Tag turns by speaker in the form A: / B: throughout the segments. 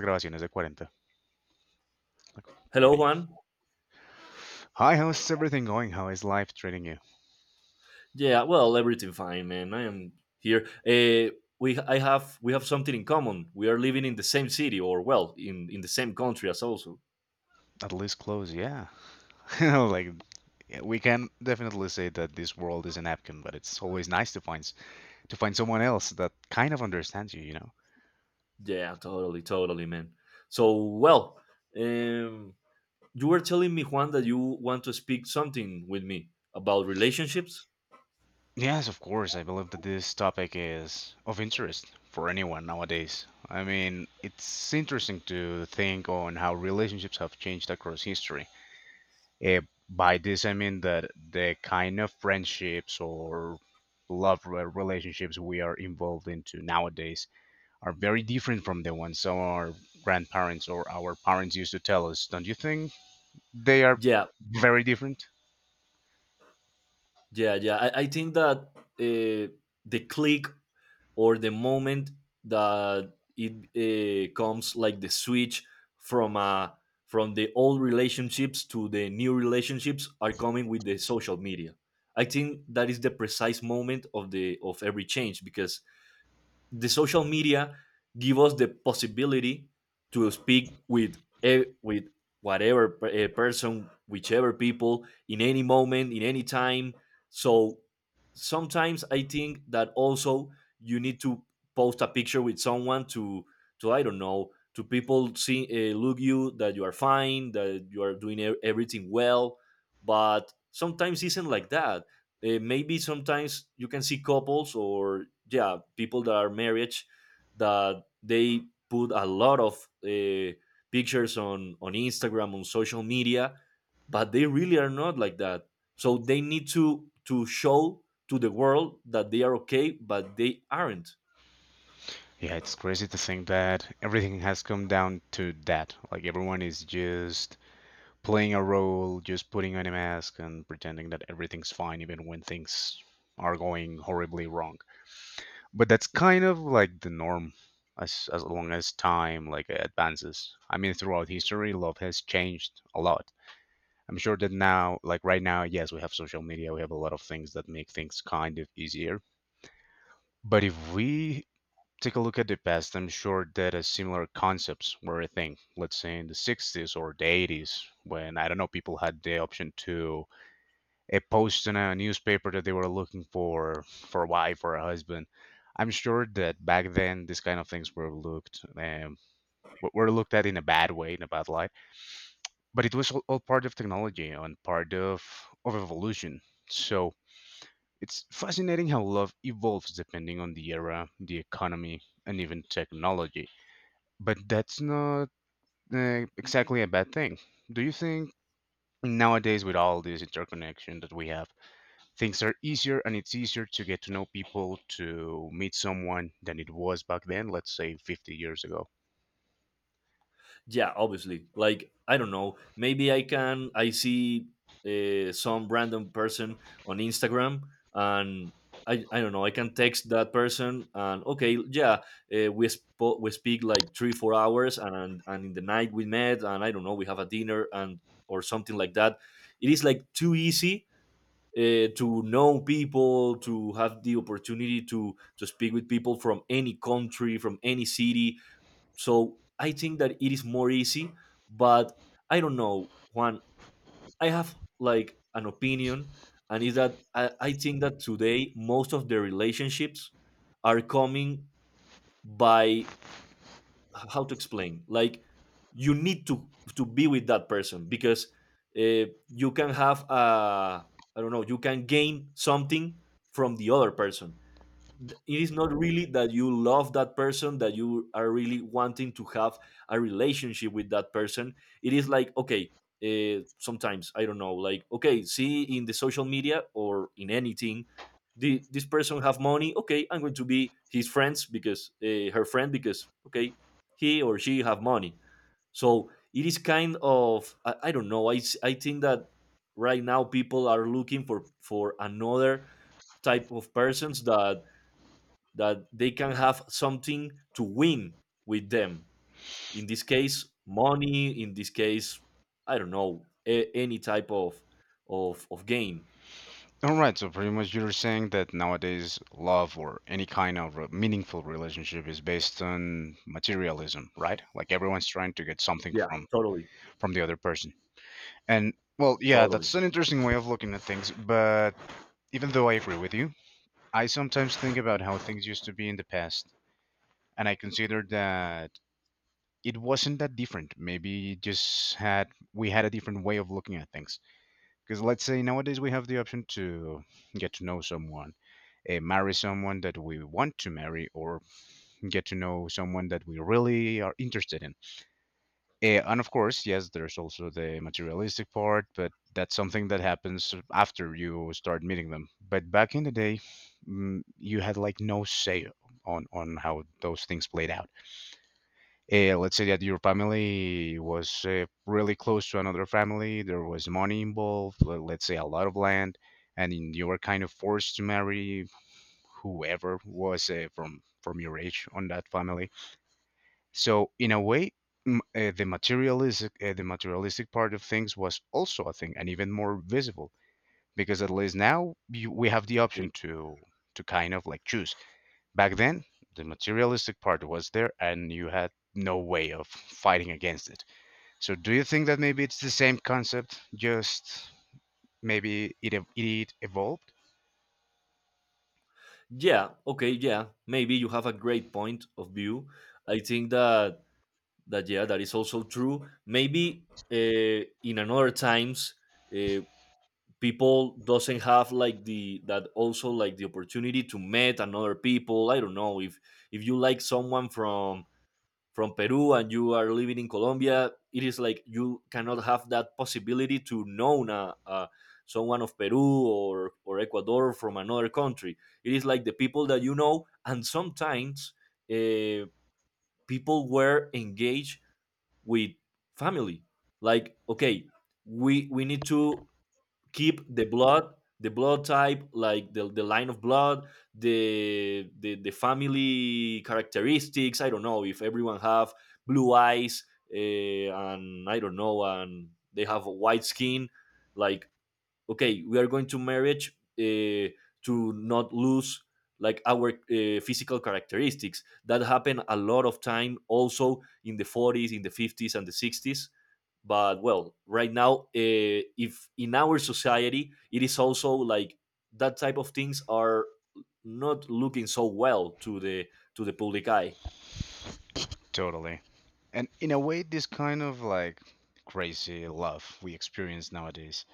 A: Grabaciones de 40. Like
B: Hello,
A: 40.
B: Juan.
A: Hi, how's everything going? How is life treating you?
B: Yeah, well, everything fine, man. I am here. We have something in common. We are living in the same city, or well, in the same country as also.
A: At least close, yeah. You know, like yeah, we can definitely say that this world is a napkin, but it's always nice to find someone else that kind of understands you, you know.
B: Yeah, totally, totally, man. So, well, um, you were telling me, Juan, that you want to speak something with me about relationships.
A: Yes, of course. I believe that this topic is of interest for anyone nowadays. I mean, it's interesting to think on how relationships have changed across history. Eh, by this, I mean that the kind of friendships or relationships we are involved into nowadays are very different from the ones some our grandparents or our parents used to tell us. Don't you think they are
B: Yeah,
A: very different?
B: yeah, yeah. I think that uh, the click or the moment that it comes like the switch from uh, from the old relationships to the new relationships are coming with the social media. I think that is the precise moment of every change because the social media give us the possibility to speak with with person whichever people in any moment in any time. So sometimes I think that also you need to post a picture with someone to I don't know, to people see, look you that you are fine, that you are doing everything well. But sometimes isn't like that. Maybe sometimes you can see couples or yeah, people that are married, that they put a lot of pictures on Instagram on social media, but they really are not like that, so they need to show to the world that they are okay but they aren't.
A: Yeah, it's crazy to think that everything has come down to that. Like everyone is just playing a role, just putting on a mask and pretending that everything's fine even when things are going horribly wrong. But that's kind of like the norm as long as time like advances. I mean, throughout history, love has changed a lot. I'm sure that now, like right now, yes, we have social media, we have a lot of things that make things kind of easier. But if we take a look at the past, I'm sure that a similar concepts were a thing. Let's say in the sixties or the eighties, when I don't know, people had the option to a post in a newspaper that they were looking for a wife or a husband. I'm sure that back then these kind of things were looked were looked at in a bad way, in a bad light. But it was all part of technology and part of evolution. So it's fascinating how love evolves depending on the era, the economy, and even technology. But that's not exactly a bad thing. Do you think nowadays, with all this interconnection that we have? Things are easier and it's easier to get to know people, to meet someone, than it was back then, let's say 50 years ago.
B: Yeah, obviously, like I don't know, maybe I see some random person on Instagram, and I don't know, I can text that person and okay, yeah, we speak like 3 4 hours and in the night we met and I don't know we have a dinner and or something like that. It is like too easy to know people, to have the opportunity to speak with people from any country, from any city. So I think that it is more easy, but I don't know, Juan. I have like an opinion, and is that I think that today most of the relationships are coming by how to explain. Like you need to be with that person because you can have a, I don't know, you can gain something from the other person, it is not really that you love that person, that you are really wanting to have a relationship with that person. It is like okay, sometimes I don't know, like okay, see in the social media or in anything, this person have money, okay, I'm going to be his friends because her friend because okay, he or she have money. So it is kind of, I don't know, I think that right now people are looking for another type of persons that they can have something to win with them. In this case, money. In this case, I don't know, any type of of game.
A: All right, so pretty much you're saying that nowadays love or any kind of meaningful relationship is based on materialism, right? Like everyone's trying to get something
B: Yeah, totally,
A: from the other person. And well, yeah,
B: totally.
A: that's an interesting way of looking at things, but even though I agree with you, I sometimes think about how things used to be in the past, and I consider that it wasn't that different. Maybe it just had, we had a different way of looking at things. Because let's say nowadays we have the option to get to know someone, marry someone that we want to marry, or get to know someone that we really are interested in. And of course, yes, there's also the materialistic part, but that's something that happens after you start meeting them. But back in the day, you had like no say on how those things played out. Let's say that your family was really close to another family, there was money involved, let's say a lot of land, and you were kind of forced to marry whoever was from your age on that family. So in a way, the materialistic the materialistic part of things was also a thing, and even more visible because at least now you, we have the
B: Okay.
A: option to kind of like choose. Back then, the materialistic part was there and you had no way of fighting against it. So, do you think that maybe it's the same concept, just maybe it evolved?
B: Yeah. Okay. Yeah. Maybe you have a great point of view. I think that yeah, that is also true. Maybe in another times. Uh, people doesn't have like the that also like the opportunity to meet another people. I don't know, if you like someone from Peru and you are living in Colombia, it is like you cannot have that possibility to know, someone of Peru or Ecuador from another country. It is like the people that you know, and sometimes uh, people were engaged with family, like okay, we need to keep the blood, the blood type, like the line of blood, the family characteristics. I don't know if everyone have blue eyes, and I don't know, and they have a white skin, like okay, we are going to marriage, to not lose like our physical characteristics. That happened a lot of time also in the 40s, in the 50s and the 60s. But well, right now, if in our society it is also like, that type of things are not looking so well to the public eye.
A: Totally. And in a way, this kind of like crazy love we experience nowadays,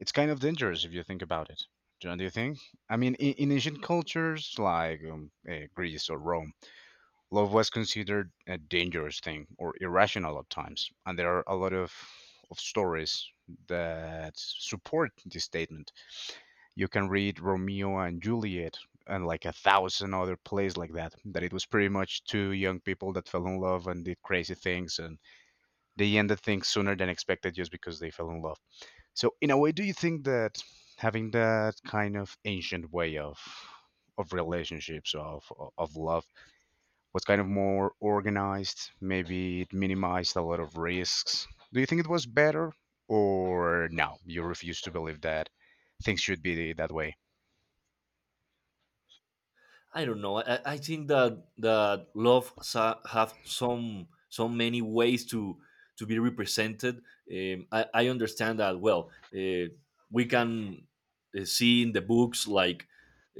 A: it's kind of dangerous if you think about it. John, do you think? I mean, in ancient cultures like Greece or Rome, love was considered a dangerous thing or irrational at times, and there are a lot of stories that support this statement. You can read Romeo and Juliet and like a thousand other plays like that. That it was pretty much two young people that fell in love and did crazy things, and they ended things sooner than expected just because they fell in love. So, in a way, do you think that having that kind of ancient way of relationships of love was kind of more organized. Maybe it minimized a lot of risks. Do you think it was better, or no? You refuse to believe that things should be that way.
B: I don't know. I think that that love have some so many ways to be represented. I understand that well. We can see in the books like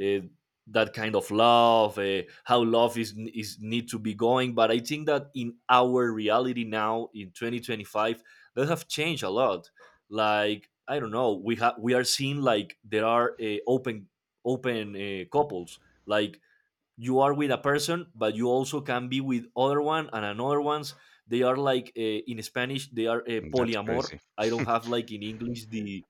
B: uh, that kind of love, how love is need to be going. But I think that in our reality now in 2025, that have changed a lot. Like I don't know, we are seeing like there are open couples, like you are with a person but you also can be with other one and another ones. They are like, in Spanish they are,
A: Mm, that's
B: polyamor.
A: crazy.
B: I don't have like in English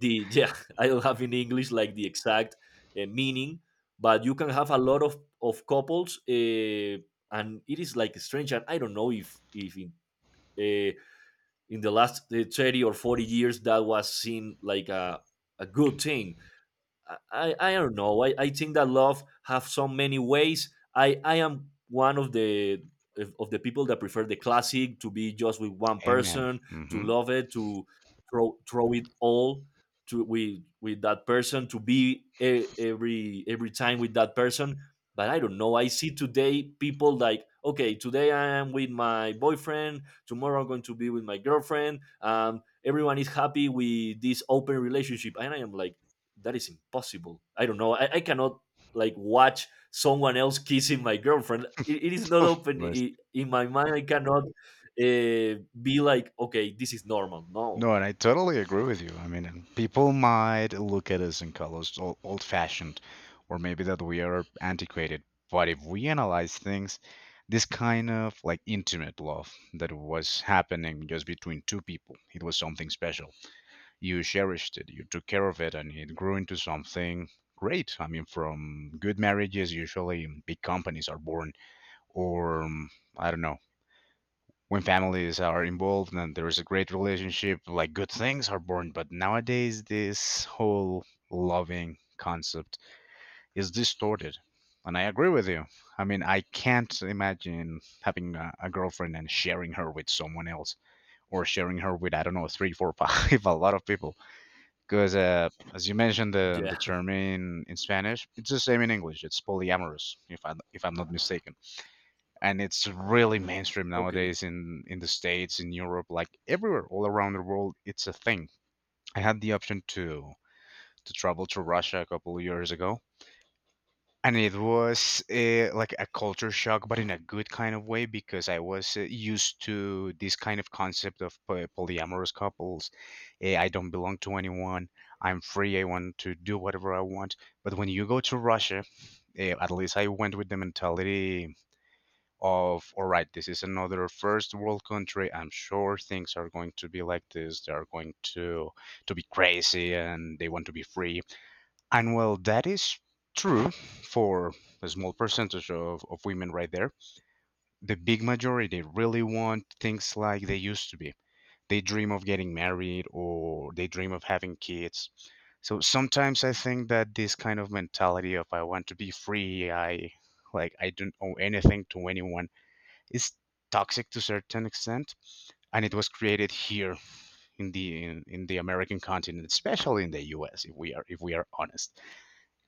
B: the, yeah, I don't have in English like the exact meaning, but you can have a lot of couples, and it is like strange. And I don't know if in uh, in the last, 30 or 40 years that was seen like a good thing. I don't know. I think that love have so many ways. I am one of the people that prefer the classic to be just with one
A: Amen.
B: person, to
A: Hmm.
B: love it, to throw it all, to with that person, to be every time with that person. But I don't know, I see today people like, okay, today I am with my boyfriend. Tomorrow I'm going to be with my girlfriend. Everyone is happy with this open relationship, and I am like, that is impossible. I don't know. I cannot like watch someone else kissing my girlfriend. It is not
A: Of
B: open,
A: course.
B: I in my mind. I cannot be like, okay, this is normal. No.
A: No, and I totally agree with you. I mean, and people might look at us and call us old-fashioned, or maybe that we are antiquated. But if we analyze things, this kind of like intimate love that was happening just between two people, it was something special. You cherished it, you took care of it, and it grew into something great. I mean, from good marriages, usually big companies are born, or I don't know, when families are involved and there is a great relationship, like good things are born. But nowadays, this whole loving concept is distorted. And I agree with you. I mean, I can't imagine having a girlfriend and sharing her with someone else or sharing her with, I don't know, three, four, five, a lot of people. Because as you mentioned, the
B: Yeah.
A: term in Spanish, it's the same in English. It's polyamorous, if I'm not mistaken, and it's really mainstream
B: Okay.
A: nowadays in the States, in Europe, like everywhere, all around the world. It's a thing. I had the option to travel to Russia a couple of years ago, and it was like a culture shock, but in a good kind of way, because I was used to this kind of concept of polyamorous couples. I don't belong to anyone. I'm free, I want to do whatever I want. But when you go to Russia, at least I went with the mentality of, all right, this is another first world country, I'm sure things are going to be like this, they are going to be crazy and they want to be free. And while that is true for a small percentage of women right there, the big majority really want things like they used to be. They dream of getting married or they dream of having kids. So sometimes I think that this kind of mentality of I want to be free, I like I don't owe anything to anyone is toxic to a certain extent, and it was created here in in the American continent, especially in the US, if we are honest.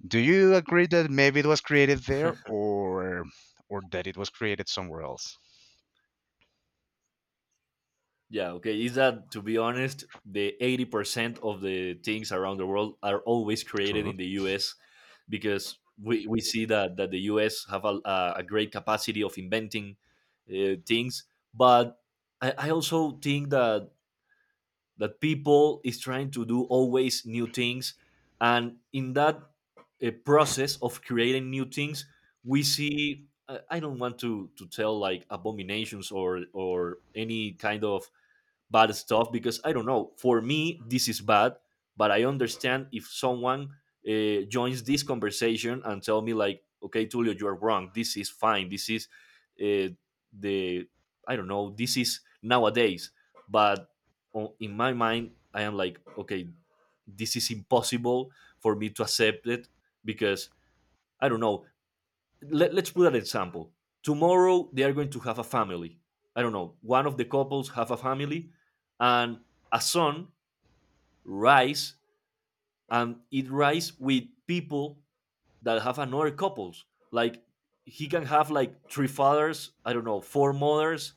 A: Do you agree that maybe it was created there or that it was created somewhere else?
B: Yeah. Okay. Is that, to be honest, the 80% of the things around the world are always created
A: True.
B: in the U.S. because we see that the U.S. have a great capacity of inventing things, but I also think that people is trying to do always new things, and in that process of creating new things, we see, I don't want to tell like abominations or any kind of bad stuff because I don't know. For me, this is bad, but I understand if someone joins this conversation and tell me like, okay, Tulio, you are wrong. This is fine. This is, uh, the I don't know. This is nowadays, but in my mind, I am like, okay, this is impossible for me to accept it, because I don't know, let, us put an example. Tomorrow they are going to have a family. I don't know. One of the couples have a family, and a son rice and eat rice with people that have another couples. Like he can have like three fathers, I don't know four mothers.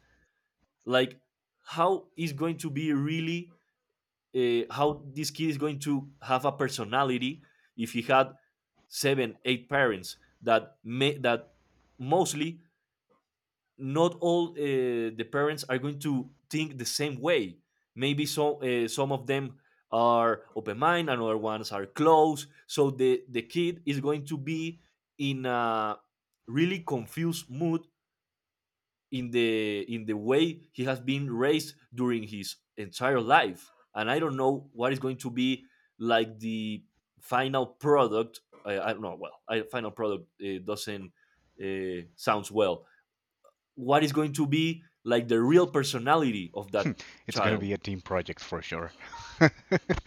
B: Like how is going to be really, how this kid is going to have a personality if he had 7 8 parents that may that mostly not all, the parents are going to think the same way. Maybe so, some of them are open mind, and other ones are closed. So the kid is going to be in a really confused mood, in the way he has been raised during his entire life. And I don't know what is going to be like the final product. I don't know. Well, I, final product doesn't sounds well, what is going to be like the real personality of that
A: It's going to
B: child.
A: be a team project for sure. But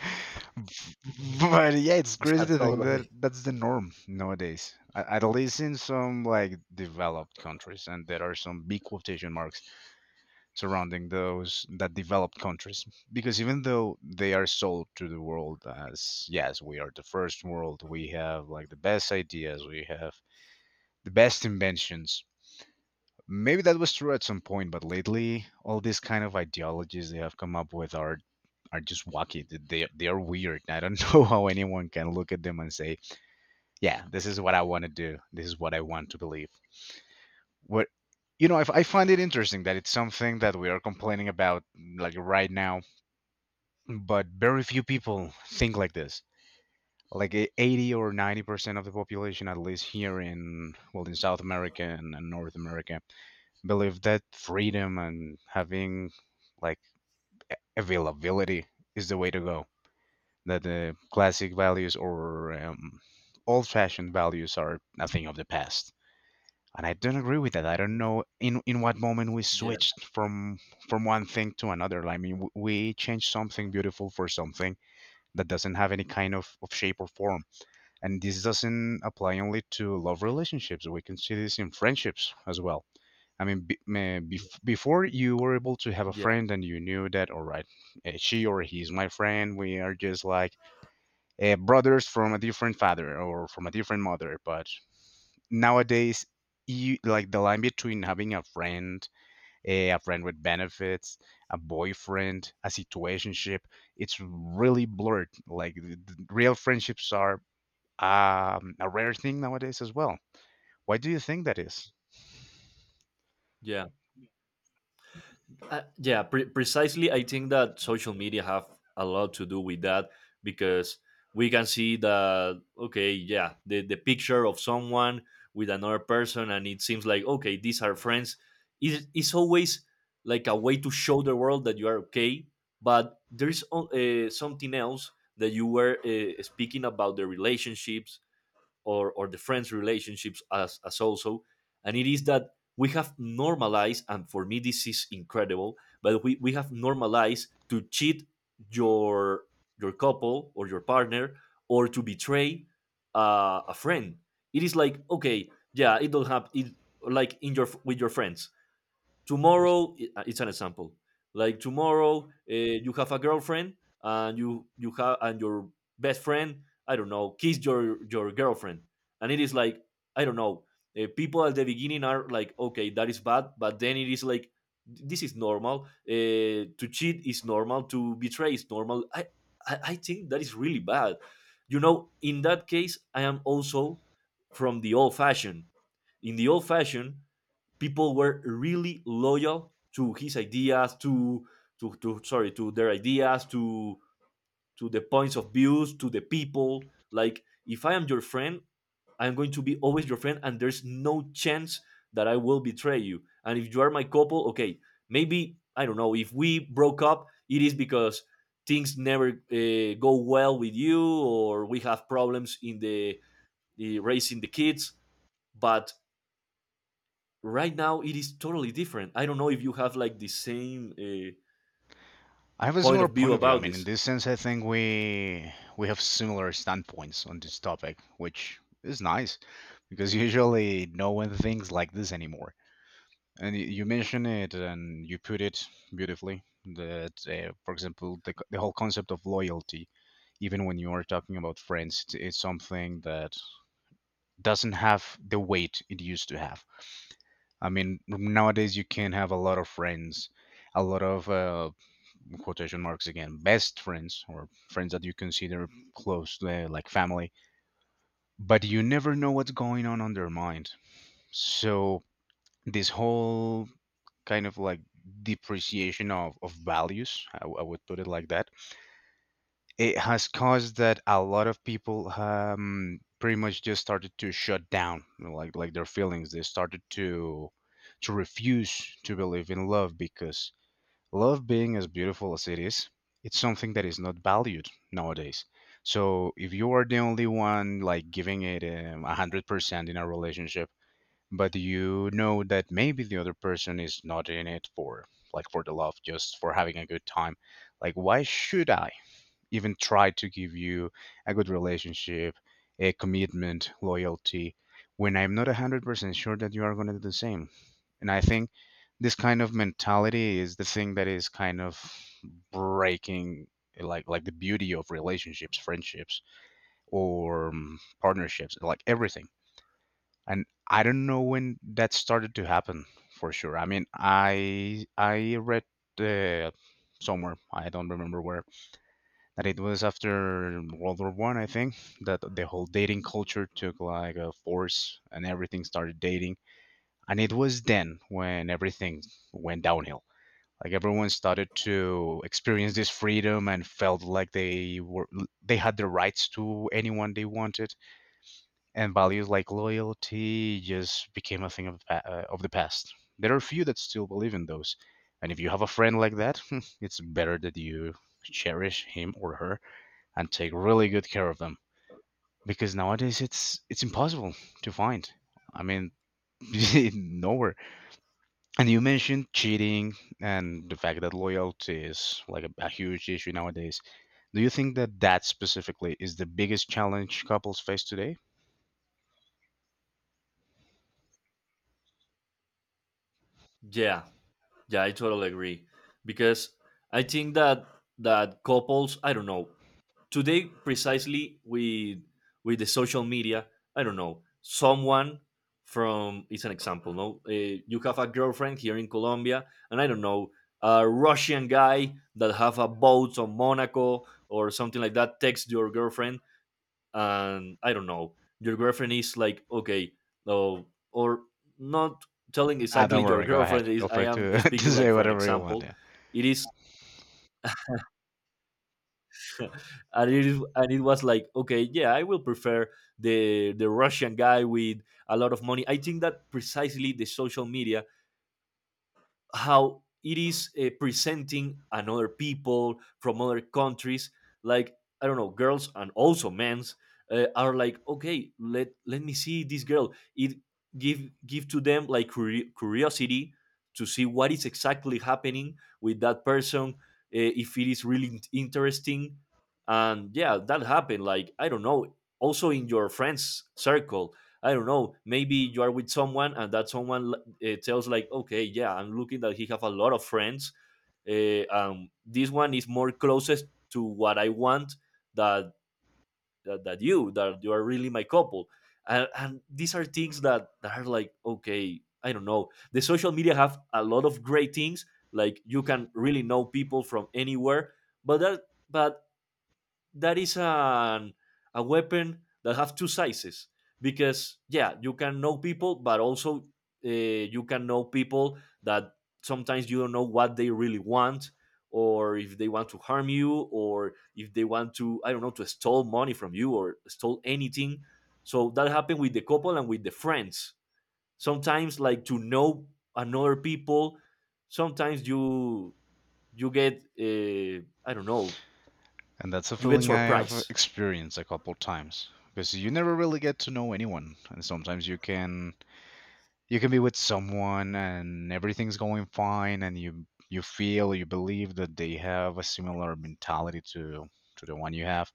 A: yeah, it's
B: Yeah,
A: crazy to think that
B: totally.
A: that's the norm nowadays. At least in some like developed countries, and there are some big quotation marks surrounding those that developed countries, because even though they are sold to the world as, yes, we are the first world, we have like the best ideas, we have the best inventions. Maybe that was true at some point, but lately, all these kind of ideologies they have come up with are just wacky. They are weird. I don't know how anyone can look at them and say, "Yeah, this is what I want to do. This is what I want to believe." What, I, I find it interesting that it's something that we are complaining about like right now, but very few people think like this. Like 80 or 90% of the population, at least here in, well, in South America and North America, believe that freedom and having like availability is the way to go. That the classic values or old-fashioned values are a thing of the past. And I don't agree with that. I don't know in what moment we
B: Yeah,
A: switched from one thing to another. I mean, we changed something beautiful for something that doesn't have any kind of shape or form. And this doesn't apply only to love relationships. We can see this in friendships as well. I mean, before you were able to have a
B: yeah,
A: friend and you knew that, all right, she or he is my friend. We are just like brothers from a different father or from a different mother. But nowadays, you like the line between having a friend, a friend with benefits, a boyfriend, a situationship, it's really blurred. Like the real friendships are a rare thing nowadays as well. Why do you think that is?
B: yeah, yeah. Precisely, I think that social media have a lot to do with that, because we can see that okay, yeah, the picture of someone with another person, and it seems like, okay, these are friends. Is it's always like a way to show the world that you are okay, but there is something else that you were speaking about the relationships or the friends relationships as also. And it is that we have normalized, and for me this is incredible, but we have normalized to cheat your your couple or your partner, or to betray a friend. It is like, okay, yeah, it don't happen like in your with your friends tomorrow. It's an example. Like tomorrow, you have a girlfriend, and you have and your best friend, I don't know, kiss your girlfriend, and it is like, I don't know, people at the beginning are like, okay, that is bad, but then it is like this is normal. To cheat is normal, to betray is normal. I think that is really bad. You know, in that case, I am also from the old fashioned. In the old fashioned, people were really loyal to his ideas, to to sorry, to their ideas, to the points of views, to the people. Like, if I am your friend, I'm going to be always your friend, and there's no chance that I will betray you. And if you are my couple, okay, maybe, I don't know, if we broke up, it is because things never go well with you, or we have problems in the raising the kids. But right now it is totally different. I don't know if you have like the same
A: I have a
B: point
A: similar
B: of view
A: point of view. I
B: about
A: mean, in
B: this.
A: this sense, I think we have similar standpoints on this topic, which is nice because usually no one thinks like this anymore. And you mention it and you put it beautifully that, for example, the whole concept of loyalty, even when you are talking about friends, it's something that doesn't have the weight it used to have. I mean, nowadays you can have a lot of friends, a lot of quotation marks again, best friends or friends that you consider close, like family, but you never know what's going on their mind. So, this whole kind of like depreciation of values, I would put it like that, it has caused that a lot of people pretty much just started to shut down, you know, like their feelings. They started to refuse to believe in love because love being as beautiful as it is, it's something that is not valued nowadays. So if you are the only one like giving it 100% in a relationship, but you know that maybe the other person is not in it for like for the love, just for having a good time, like why should I even try to give you a good relationship, a commitment, loyalty when I'm not 100% sure that you are going to do the same? And I think this kind of mentality is the thing that is kind of breaking like the beauty of relationships, friendships, or partnerships, like everything. And I don't know when that started to happen for sure. I mean, I read uh, somewhere, I don't remember where, that it was after World War I, I think, that the whole dating culture took like a force and everything started dating. And it was then when everything went downhill, like everyone started to experience this freedom and felt like they had the rights to anyone they wanted, and values like loyalty just became a thing of, of the past. There are a few that still believe in those, and if you have a friend like that, it's better that you cherish him or her and take really good care of them, because nowadays it's impossible to find, I mean, nowhere. And you mentioned cheating and the fact that loyalty is like a huge issue nowadays. Do you think that that specifically is the biggest challenge couples face today?
B: Yeah, yeah, I totally agree. Because I think that couples, I don't know, today, precisely with the social media, I don't know, someone from, it's an example, no, you have a girlfriend here in Colombia, and I don't know, a Russian guy that have a boat on Monaco or something like that, text your girlfriend, and I don't know, your girlfriend is like, okay, no, or not telling
A: Ah,
B: exactly.
A: don't
B: Your
A: worry, go ahead.
B: girlfriend is,
A: Feel
B: I
A: free
B: am
A: to, to
B: speaking like
A: say
B: for an
A: whatever you want.
B: example.
A: Yeah.
B: It is, and it is, and it was like, okay, yeah, I will prefer the Russian guy with a lot of money. I think that precisely the social media, how it is presenting another people from other countries, like, I don't know, girls and also men's, are like, okay, let me see this girl. It give to them like curiosity, to see what is exactly happening with that person. If it is really interesting. And yeah, that happened, like, I don't know, also in your friends circle. I don't know. Maybe you are with someone, and that someone tells like, okay, yeah, I'm looking that he have a lot of friends. This one is more closest to what I want, that that you are really my couple. And these are things that are like, okay, I don't know. The social media have a lot of great things, like, you can really know people from anywhere, but but that is a weapon that have two sizes. Because yeah, you can know people, but also, you can know people that sometimes you don't know what they really want, or if they want to harm you, or if they want to, I don't know, to steal money from you or steal anything. So that happened with the couple and with the friends. Sometimes, like, to know another people, sometimes you get, I don't know,
A: And that's a
B: you get
A: feeling I have
B: surprise.
A: experienced a couple times because you never really get to know anyone, and sometimes you can be with someone and everything's going fine, and you feel you believe that they have a similar mentality to the one you have.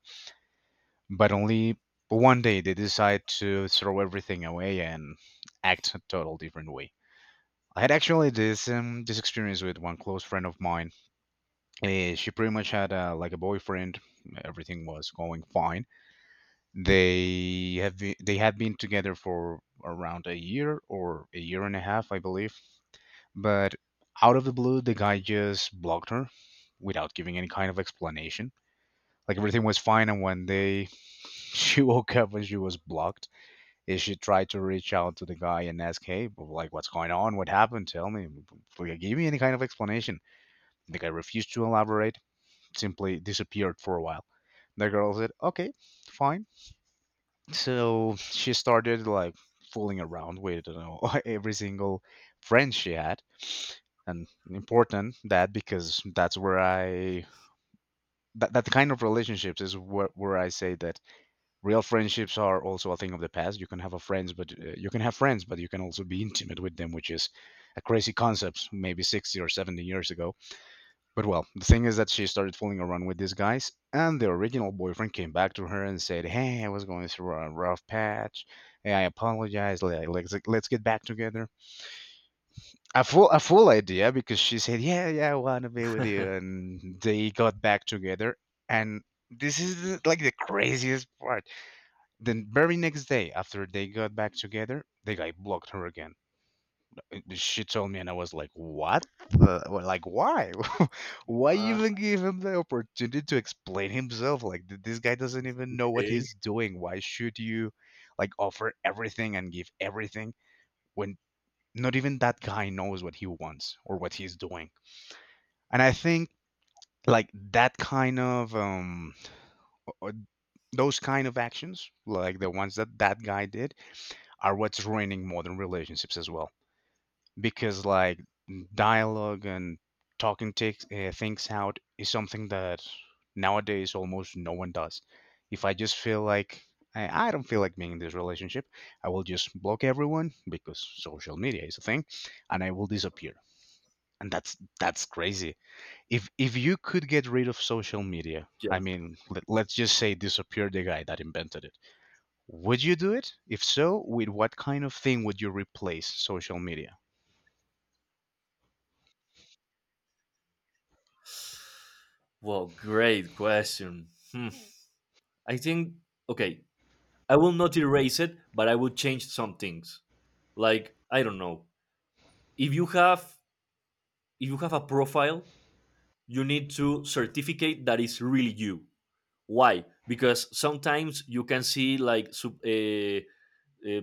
A: But only but one day they decide to throw everything away and act a total different way. I had actually this this experience with one close friend of mine. Eh, she pretty much had like a boyfriend. Everything was going fine. They had been together for around a year or a year and a half, I believe. But out of the blue, the guy just blocked her without giving any kind of explanation. Like everything was fine, and one day she woke up and she was blocked. Is she tried to reach out to the guy and ask, "Hey, but, like, what's going on? What happened? Tell me. Give me any kind of explanation." The guy refused to elaborate, simply disappeared for a while. The girl said, "Okay, fine." So she started like fooling around with, you know, every single friend she had, and important that because that's where I that kind of relationships is where I say that real friendships are also a thing of the past. You can have a friends, but you can also be intimate with them, which is a crazy concept, maybe 60 or 70 years ago. But well, the thing is that she started fooling around with these guys, and the original boyfriend came back to her and said, "Hey, I was going through a rough patch. Hey, I apologize. Let's get back together." A full idea because she said, "Yeah, yeah, I want to be with you," and they got back together, and this is like the craziest part. The very next day, after they got back together, the guy blocked her again. She told me, and I was like, "What? Well, like, why? Why even
B: Okay.
A: give him the opportunity to explain himself? Like, this guy doesn't even know what he's doing. Why should you, like, offer everything and give everything when not even that guy knows what he wants or what he's doing?" And I think, like, that kind of or those kind of actions, like the ones that that guy did, are what's ruining modern relationships as well. Because like dialogue and talking takes, things out is something that nowadays almost no one does. If I just feel like I don't feel like being in this relationship, I will just block everyone because social media is a thing, and I will disappear. And that's crazy. If you could get rid of social media, I
B: Yeah.
A: mean, let's just say disappear the guy that invented it, would you do it? If so, with what kind of thing would you replace social media?
B: Well, great question. Hmm. I think, okay, I will not erase it, but I will change some things. Like, I don't know, If you have if you have a profile, you need to certificate that is really you. Why? Because sometimes you can see like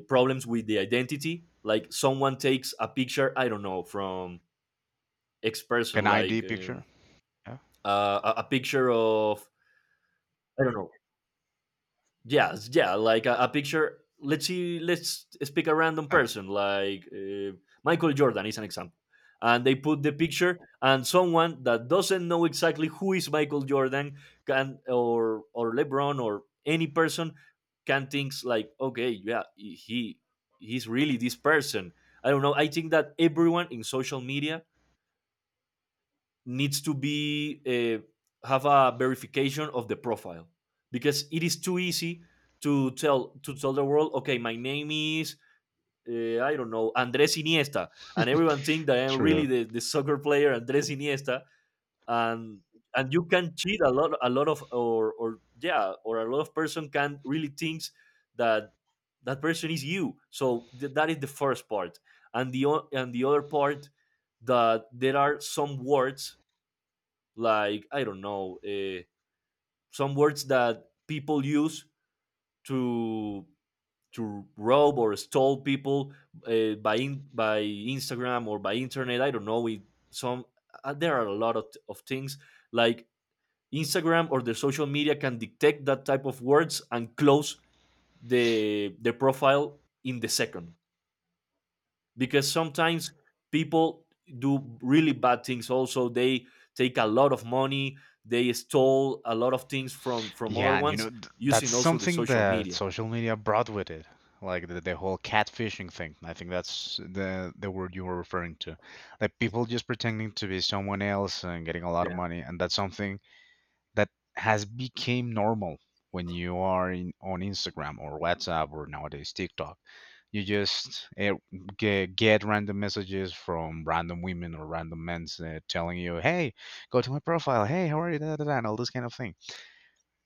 B: problems with the identity. Like, someone takes a picture, I don't know, from X
A: Like
B: person.
A: an
B: Like,
A: ID picture? Yeah.
B: a picture of, I don't know. Yes, yeah, like a picture. Let's see. Let's pick a random
A: Huh.
B: person, like, Michael Jordan is an example. And they put the picture, and someone that doesn't know exactly who is Michael Jordan can, or LeBron, or any person, can think like, okay, yeah, he's really this person. I don't know. I think that everyone in social media needs to be have a verification of the profile, because it is too easy to tell the world, okay, my name is, I don't know, Andres Iniesta, and everyone think that I'm really
A: True.
B: the soccer player Andres Iniesta. And and you can cheat a lot of, or yeah, or a lot of person can really thinks that that person is you. So that is the first part. And the other part, that there are some words, like, I don't know, some words that people use to rob or stole people, by Instagram or by internet. I don't know. We some There are a lot of things like Instagram or the social media can detect that type of words and close the profile in the second. Because sometimes people do really bad things. Also, they take a lot of money, they stole a lot of things from other
A: Yeah, and you
B: ones,
A: know, that's
B: using also the
A: something
B: social
A: that
B: media.
A: social media brought with it. Like the whole catfishing thing. I think that's the word you were referring to. Like people just pretending to be someone else and getting a lot of
B: Yeah,
A: money, and that's something that has became normal when you are in on Instagram or WhatsApp or nowadays TikTok. You just get random messages from random women or random men, telling you, "Hey, go to my profile. Hey, how are you?" Da, da, da, and all this kind of thing.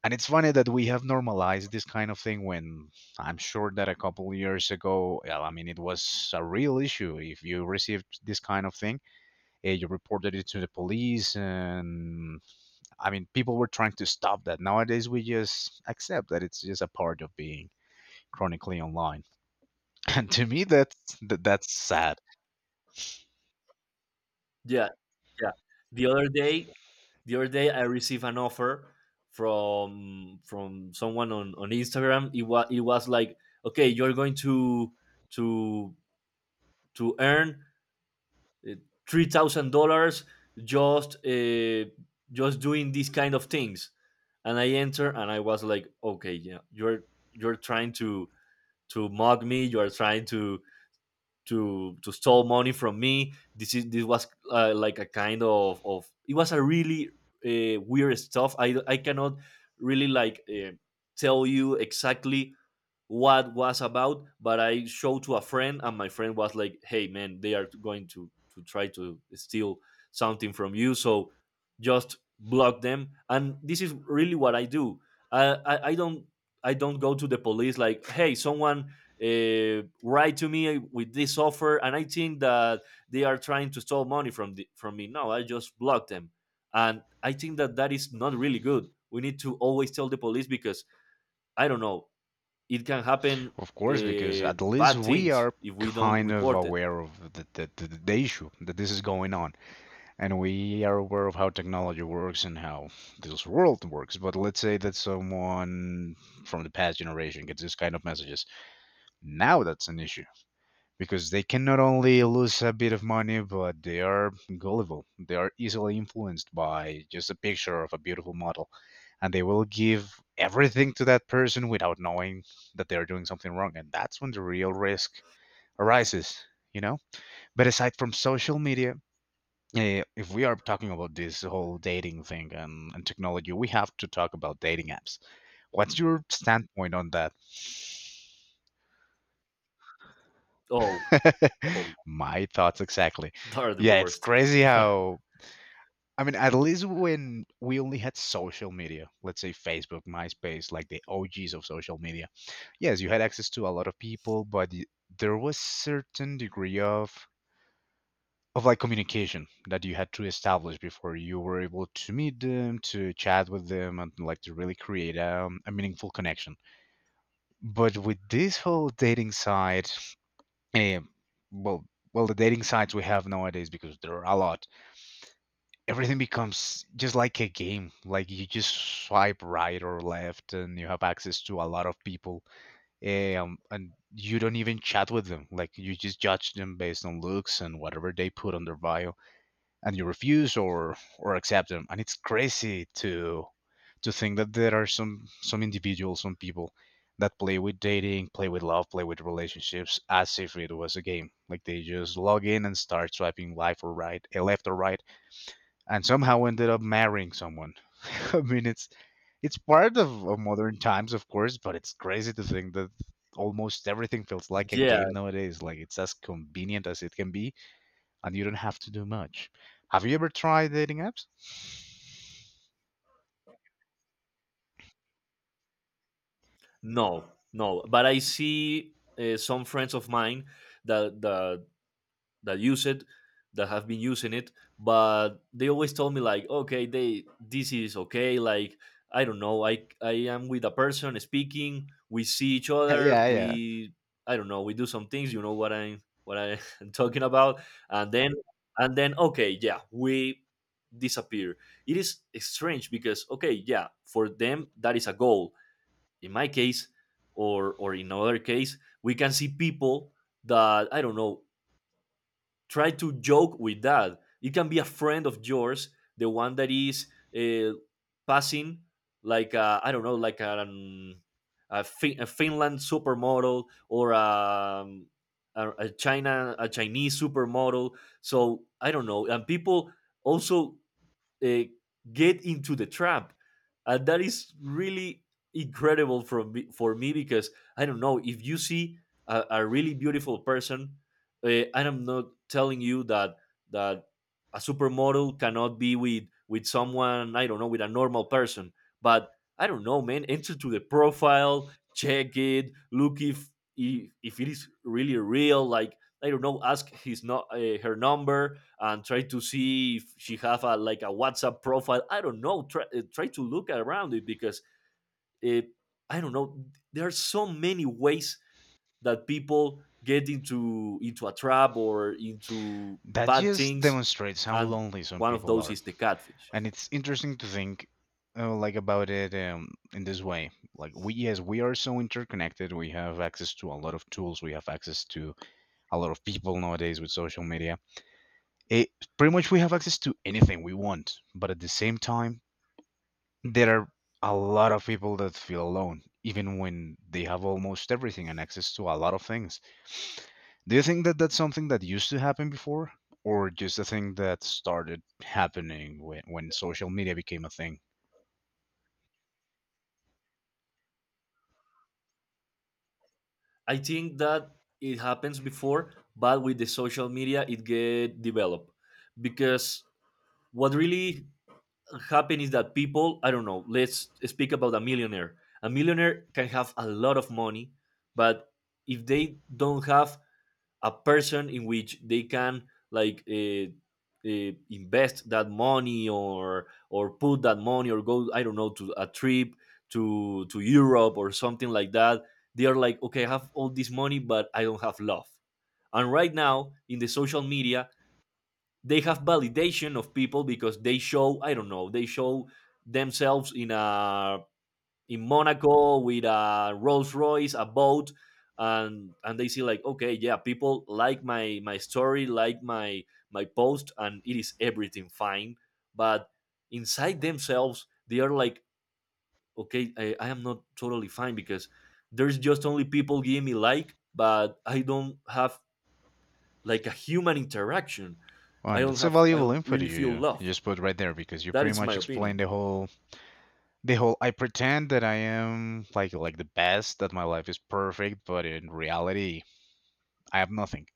A: And it's funny that we have normalized this kind of thing when I'm sure that a couple years ago, well, I mean, it was a real issue. If you received this kind of thing, you reported it to the police and I mean, people were trying to stop that. Nowadays, we just accept that it's just a part of being chronically online. And to me, that's that's sad,
B: yeah, yeah. the other day the other day, I received an offer from someone on Instagram. It was like, okay, you're going to to earn, uh, $3,000, just, just doing these kind of things. And I enter, and I was like, okay, yeah, you're, trying to mock me. You are trying to stole money from me. This was, like, a kind of, it was a really, weird stuff. I cannot really, like, tell you exactly what was about. But I showed to a friend, and my friend was like, hey man, they are going to try to steal something from you, so just block them. And this is really what I do. I i, I don't i don't go to the police like, hey, someone write to me with this offer, and I think that they are trying to steal money from me. No, I just block them. And I think that that is not really good. We need to always tell the police, because, I don't know, it can happen,
A: of course, because at least
B: bad
A: we
B: things,
A: are
B: if we don't
A: kind of
B: report it.
A: aware of the issue that this is going on. And we are aware of how technology works and how this world works. But let's say that someone from the past generation gets this kind of messages. Now that's an issue, because they can not only lose a bit of money, but they are gullible. They are easily influenced by just a picture of a beautiful model, and they will give everything to that person without knowing that they are doing something wrong. And that's when the real risk arises, you know? But aside from social media, eh, if we are talking about this whole dating thing and technology, we have to talk about dating apps. What's your standpoint on that?
B: Oh, oh,
A: My thoughts exactly.
B: they're the
A: Yeah, it's
B: worst.
A: crazy how I mean, at least when we only had social media, let's say Facebook, MySpace, like the OGs of social media, yes, you had access to a lot of people, but there was certain degree of like communication that you had to establish before you were able to meet them, to chat with them, and like to really create a meaningful connection. But with this whole dating site, eh, well, well, the dating sites we have nowadays, because there are a lot, everything becomes just like a game. Like you just swipe right or left, and you have access to a lot of people, and you don't even chat with them. Like you just judge them based on looks and whatever they put on their bio, and you refuse or accept them. And it's crazy to think that there are some individuals, some people that play with dating, play with love, play with relationships as if it was a game. Like they just log in and start swiping left or right, and somehow ended up marrying someone. I mean, it's part of modern times, of course, but it's crazy to think that almost everything feels like a
B: Yeah,
A: game nowadays. Like it's as convenient as it can be, and you don't have to do much. Have you ever tried dating apps?
B: no, no. But I see, some friends of mine that, that use it, that have been using it, but they always told me like, okay, they, this is okay, like, I don't know, I am with a person speaking, we see each other,
A: Yeah, yeah.
B: we, I don't know, we do some things, you know what I'm talking about. and then and then, okay, yeah, we disappear. It is strange, because, okay, yeah, for them that is a goal. In my case, or in other case, we can see people that, I don't know, try to joke with that. It can be a friend of yours, the one that is, uh, passing like, a, I don't know, like an, a, fin- a Finland supermodel, or a Chinese supermodel. So, I don't know, and people also, uh, get into the trap, and that is really incredible for me, because, I don't know, if you see a really beautiful person, and I'm not telling you that a supermodel cannot be with someone, I don't know, with a normal person, but, I don't know, man, enter to the profile, check it, look if it is really real, like, I don't know, ask his, not, her number, and try to see if she have a like a WhatsApp profile. I don't know. Try to look around it, because, uh, I don't know, there are so many ways that people get into a trap or into
A: That
B: bad
A: just
B: things,
A: demonstrates how
B: and
A: lonely some
B: one of
A: people
B: those
A: are,
B: is the catfish.
A: and it's interesting to think. Like about it, in this way, like we, yes, we are so interconnected, we have access to a lot of tools, we have access to a lot of people nowadays with social media. It pretty much, we have access to anything we want, but at the same time, there are a lot of people that feel alone, even when they have almost everything and access to a lot of things. Do you think that that's something that used to happen before, or just a thing that started happening when social media became a thing?
B: I think that it happens before, but with the social media, it get developed, because what really happen is that people, I don't know, let's speak about a millionaire. A millionaire can have a lot of money, but if they don't have a person in which they can, like, invest that money, or put that money, or go, I don't know, to a trip to Europe or something like that, they are like, okay, I have all this money, but I don't have love. And right now in the social media, they have validation of people because they show I don't know they show themselves in a, in Monaco with a Rolls Royce, a boat, and they see like, okay, yeah, people like my story, like my post, and it is everything fine. But inside themselves they are like, okay, I am not totally fine, because there's just only people giving me like, but I don't have like a human interaction.
A: Oh, and that's a
B: I
A: valuable
B: don't
A: input
B: really feel
A: you
B: love.
A: just put right there, because you
B: That
A: pretty
B: is my
A: much explained
B: opinion.
A: the whole. The whole, I pretend that I am like the best, that my life is perfect, but in reality, I have nothing.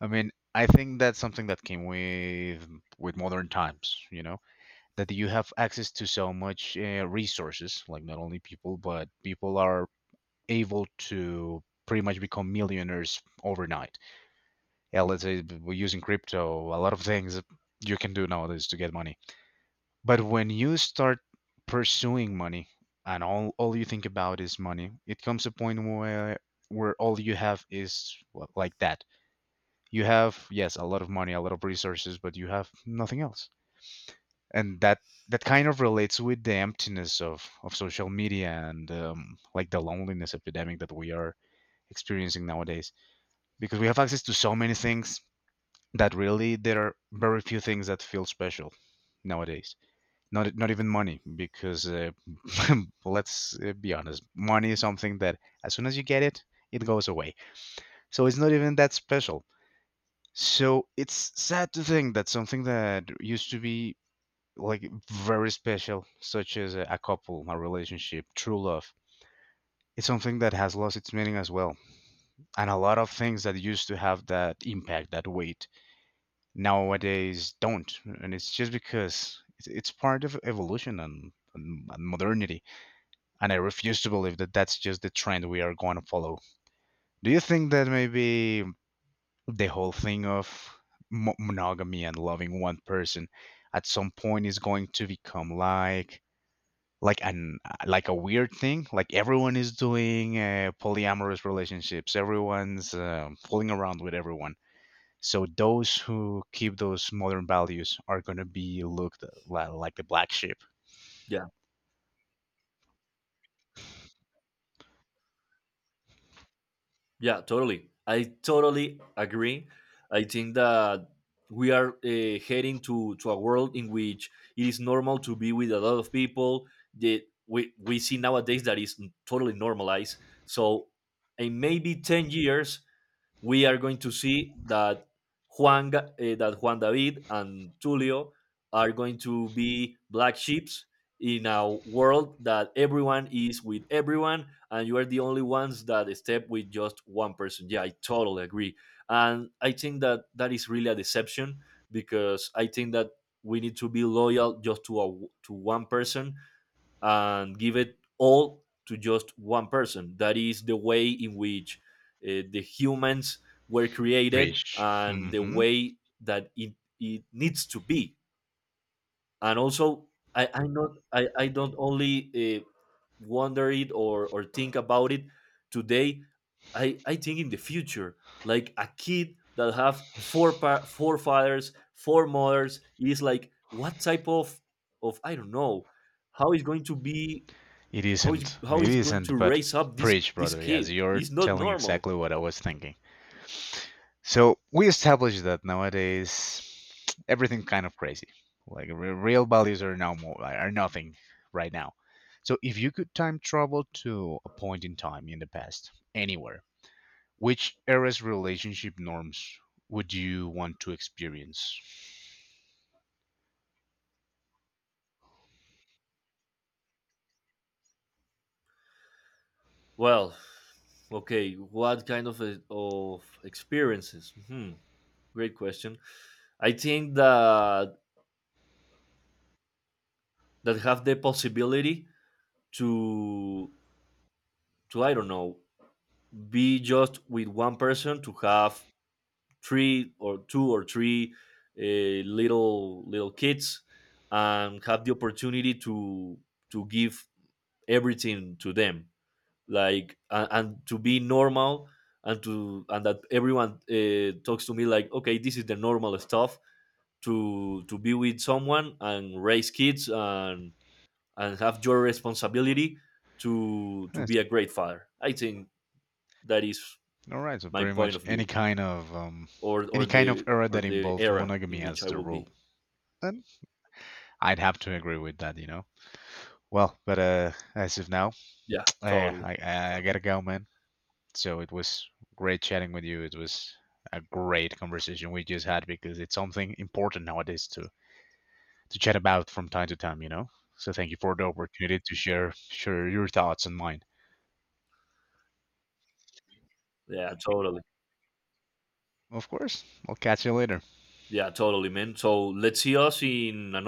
A: I mean, I think that's something that came with modern times, you know, that you have access to so much resources, like not only people, but people are able to pretty much become millionaires overnight. Yeah, let's say we're using crypto, a lot of things you can do nowadays to get money. But when you start pursuing money, and all you think about is money, it comes a point where all you have is, well, like that. You have, yes, a lot of money, a lot of resources, but you have nothing else. And that kind of relates with the emptiness of social media, and like the loneliness epidemic that we are experiencing nowadays, because we have access to so many things that really there are very few things that feel special nowadays. Not even money, because let's be honest, money is something that as soon as you get it, it goes away, so it's not even that special. So it's sad to think that something that used to be like very special, such as a couple, a relationship, true love, it's something that has lost its meaning as well. And a lot of things that used to have that impact, that weight, nowadays don't. And it's just because it's part of evolution and, and modernity, and I refuse to believe that that's just the trend we are going to follow. Do you think that maybe the whole thing of monogamy and loving one person at some point is going to become like an, like a weird thing, like everyone is doing polyamorous relationships, everyone's fooling around with everyone, so those who keep those modern values are going to be looked like the black sheep.
B: Yeah, yeah, totally. I totally agree. I think that we are, heading to a world in which it is normal to be with a lot of people. That we see nowadays that is totally normalized. So, in maybe 10 years, we are going to see that Juan David and Tulio are going to be black sheeps in a world that everyone is with everyone, and you are the only ones that step with just one person. Yeah, I totally agree, and I think that that is really a deception, because I think that we need to be loyal just to a, to one person, and give it all to just one person. That is the way in which, the humans were created,
A: Rich.
B: and the way that it needs to be. And also, I not I, I don't only, wonder it, or think about it today. I think in the future, like a kid that have four fathers, four mothers, is like, what type of I don't know, how is going to be,
A: It isn't.
B: how
A: It
B: is going to
A: isn't, but
B: raise up
A: preach,
B: this
A: brother. Yes,
B: kid?
A: you're
B: It's not
A: telling
B: normal.
A: exactly what I was thinking. So we established that nowadays everything kind of crazy. Like real values are now more like, are nothing right now. So if you could time travel to a point in time in the past, anywhere, which era's relationship norms would you want to experience?
B: Well, okay, what kind of experiences? Hmm, great question. I think that that have the possibility to I don't know, be just with one person, to have three or two or three little kids, and have the opportunity to give everything to them, like, and to be normal, and to and that everyone, talks to me like, okay, this is the normal stuff. To be with someone and raise kids, and have your responsibility to
A: Yes.
B: be a great father. I think that is
A: All right. So
B: my
A: pretty
B: point
A: much
B: of view,
A: any kind of era
B: or
A: that
B: the
A: involved
B: era in
A: monogamy
B: which
A: as
B: I
A: the
B: will
A: rule.
B: be.
A: I'd have to agree with that, you know. Well, but as of now,
B: Yeah,
A: uh,
B: totally.
A: I
B: So,
A: gotta go, man. So it was great chatting with you. It was a great conversation we just had, because it's something important nowadays to chat about from time to time, you know. So thank you for the opportunity to share your thoughts and mine.
B: yeah, totally.
A: Of course, I'll catch you later.
B: Yeah, totally, man. So let's see us in another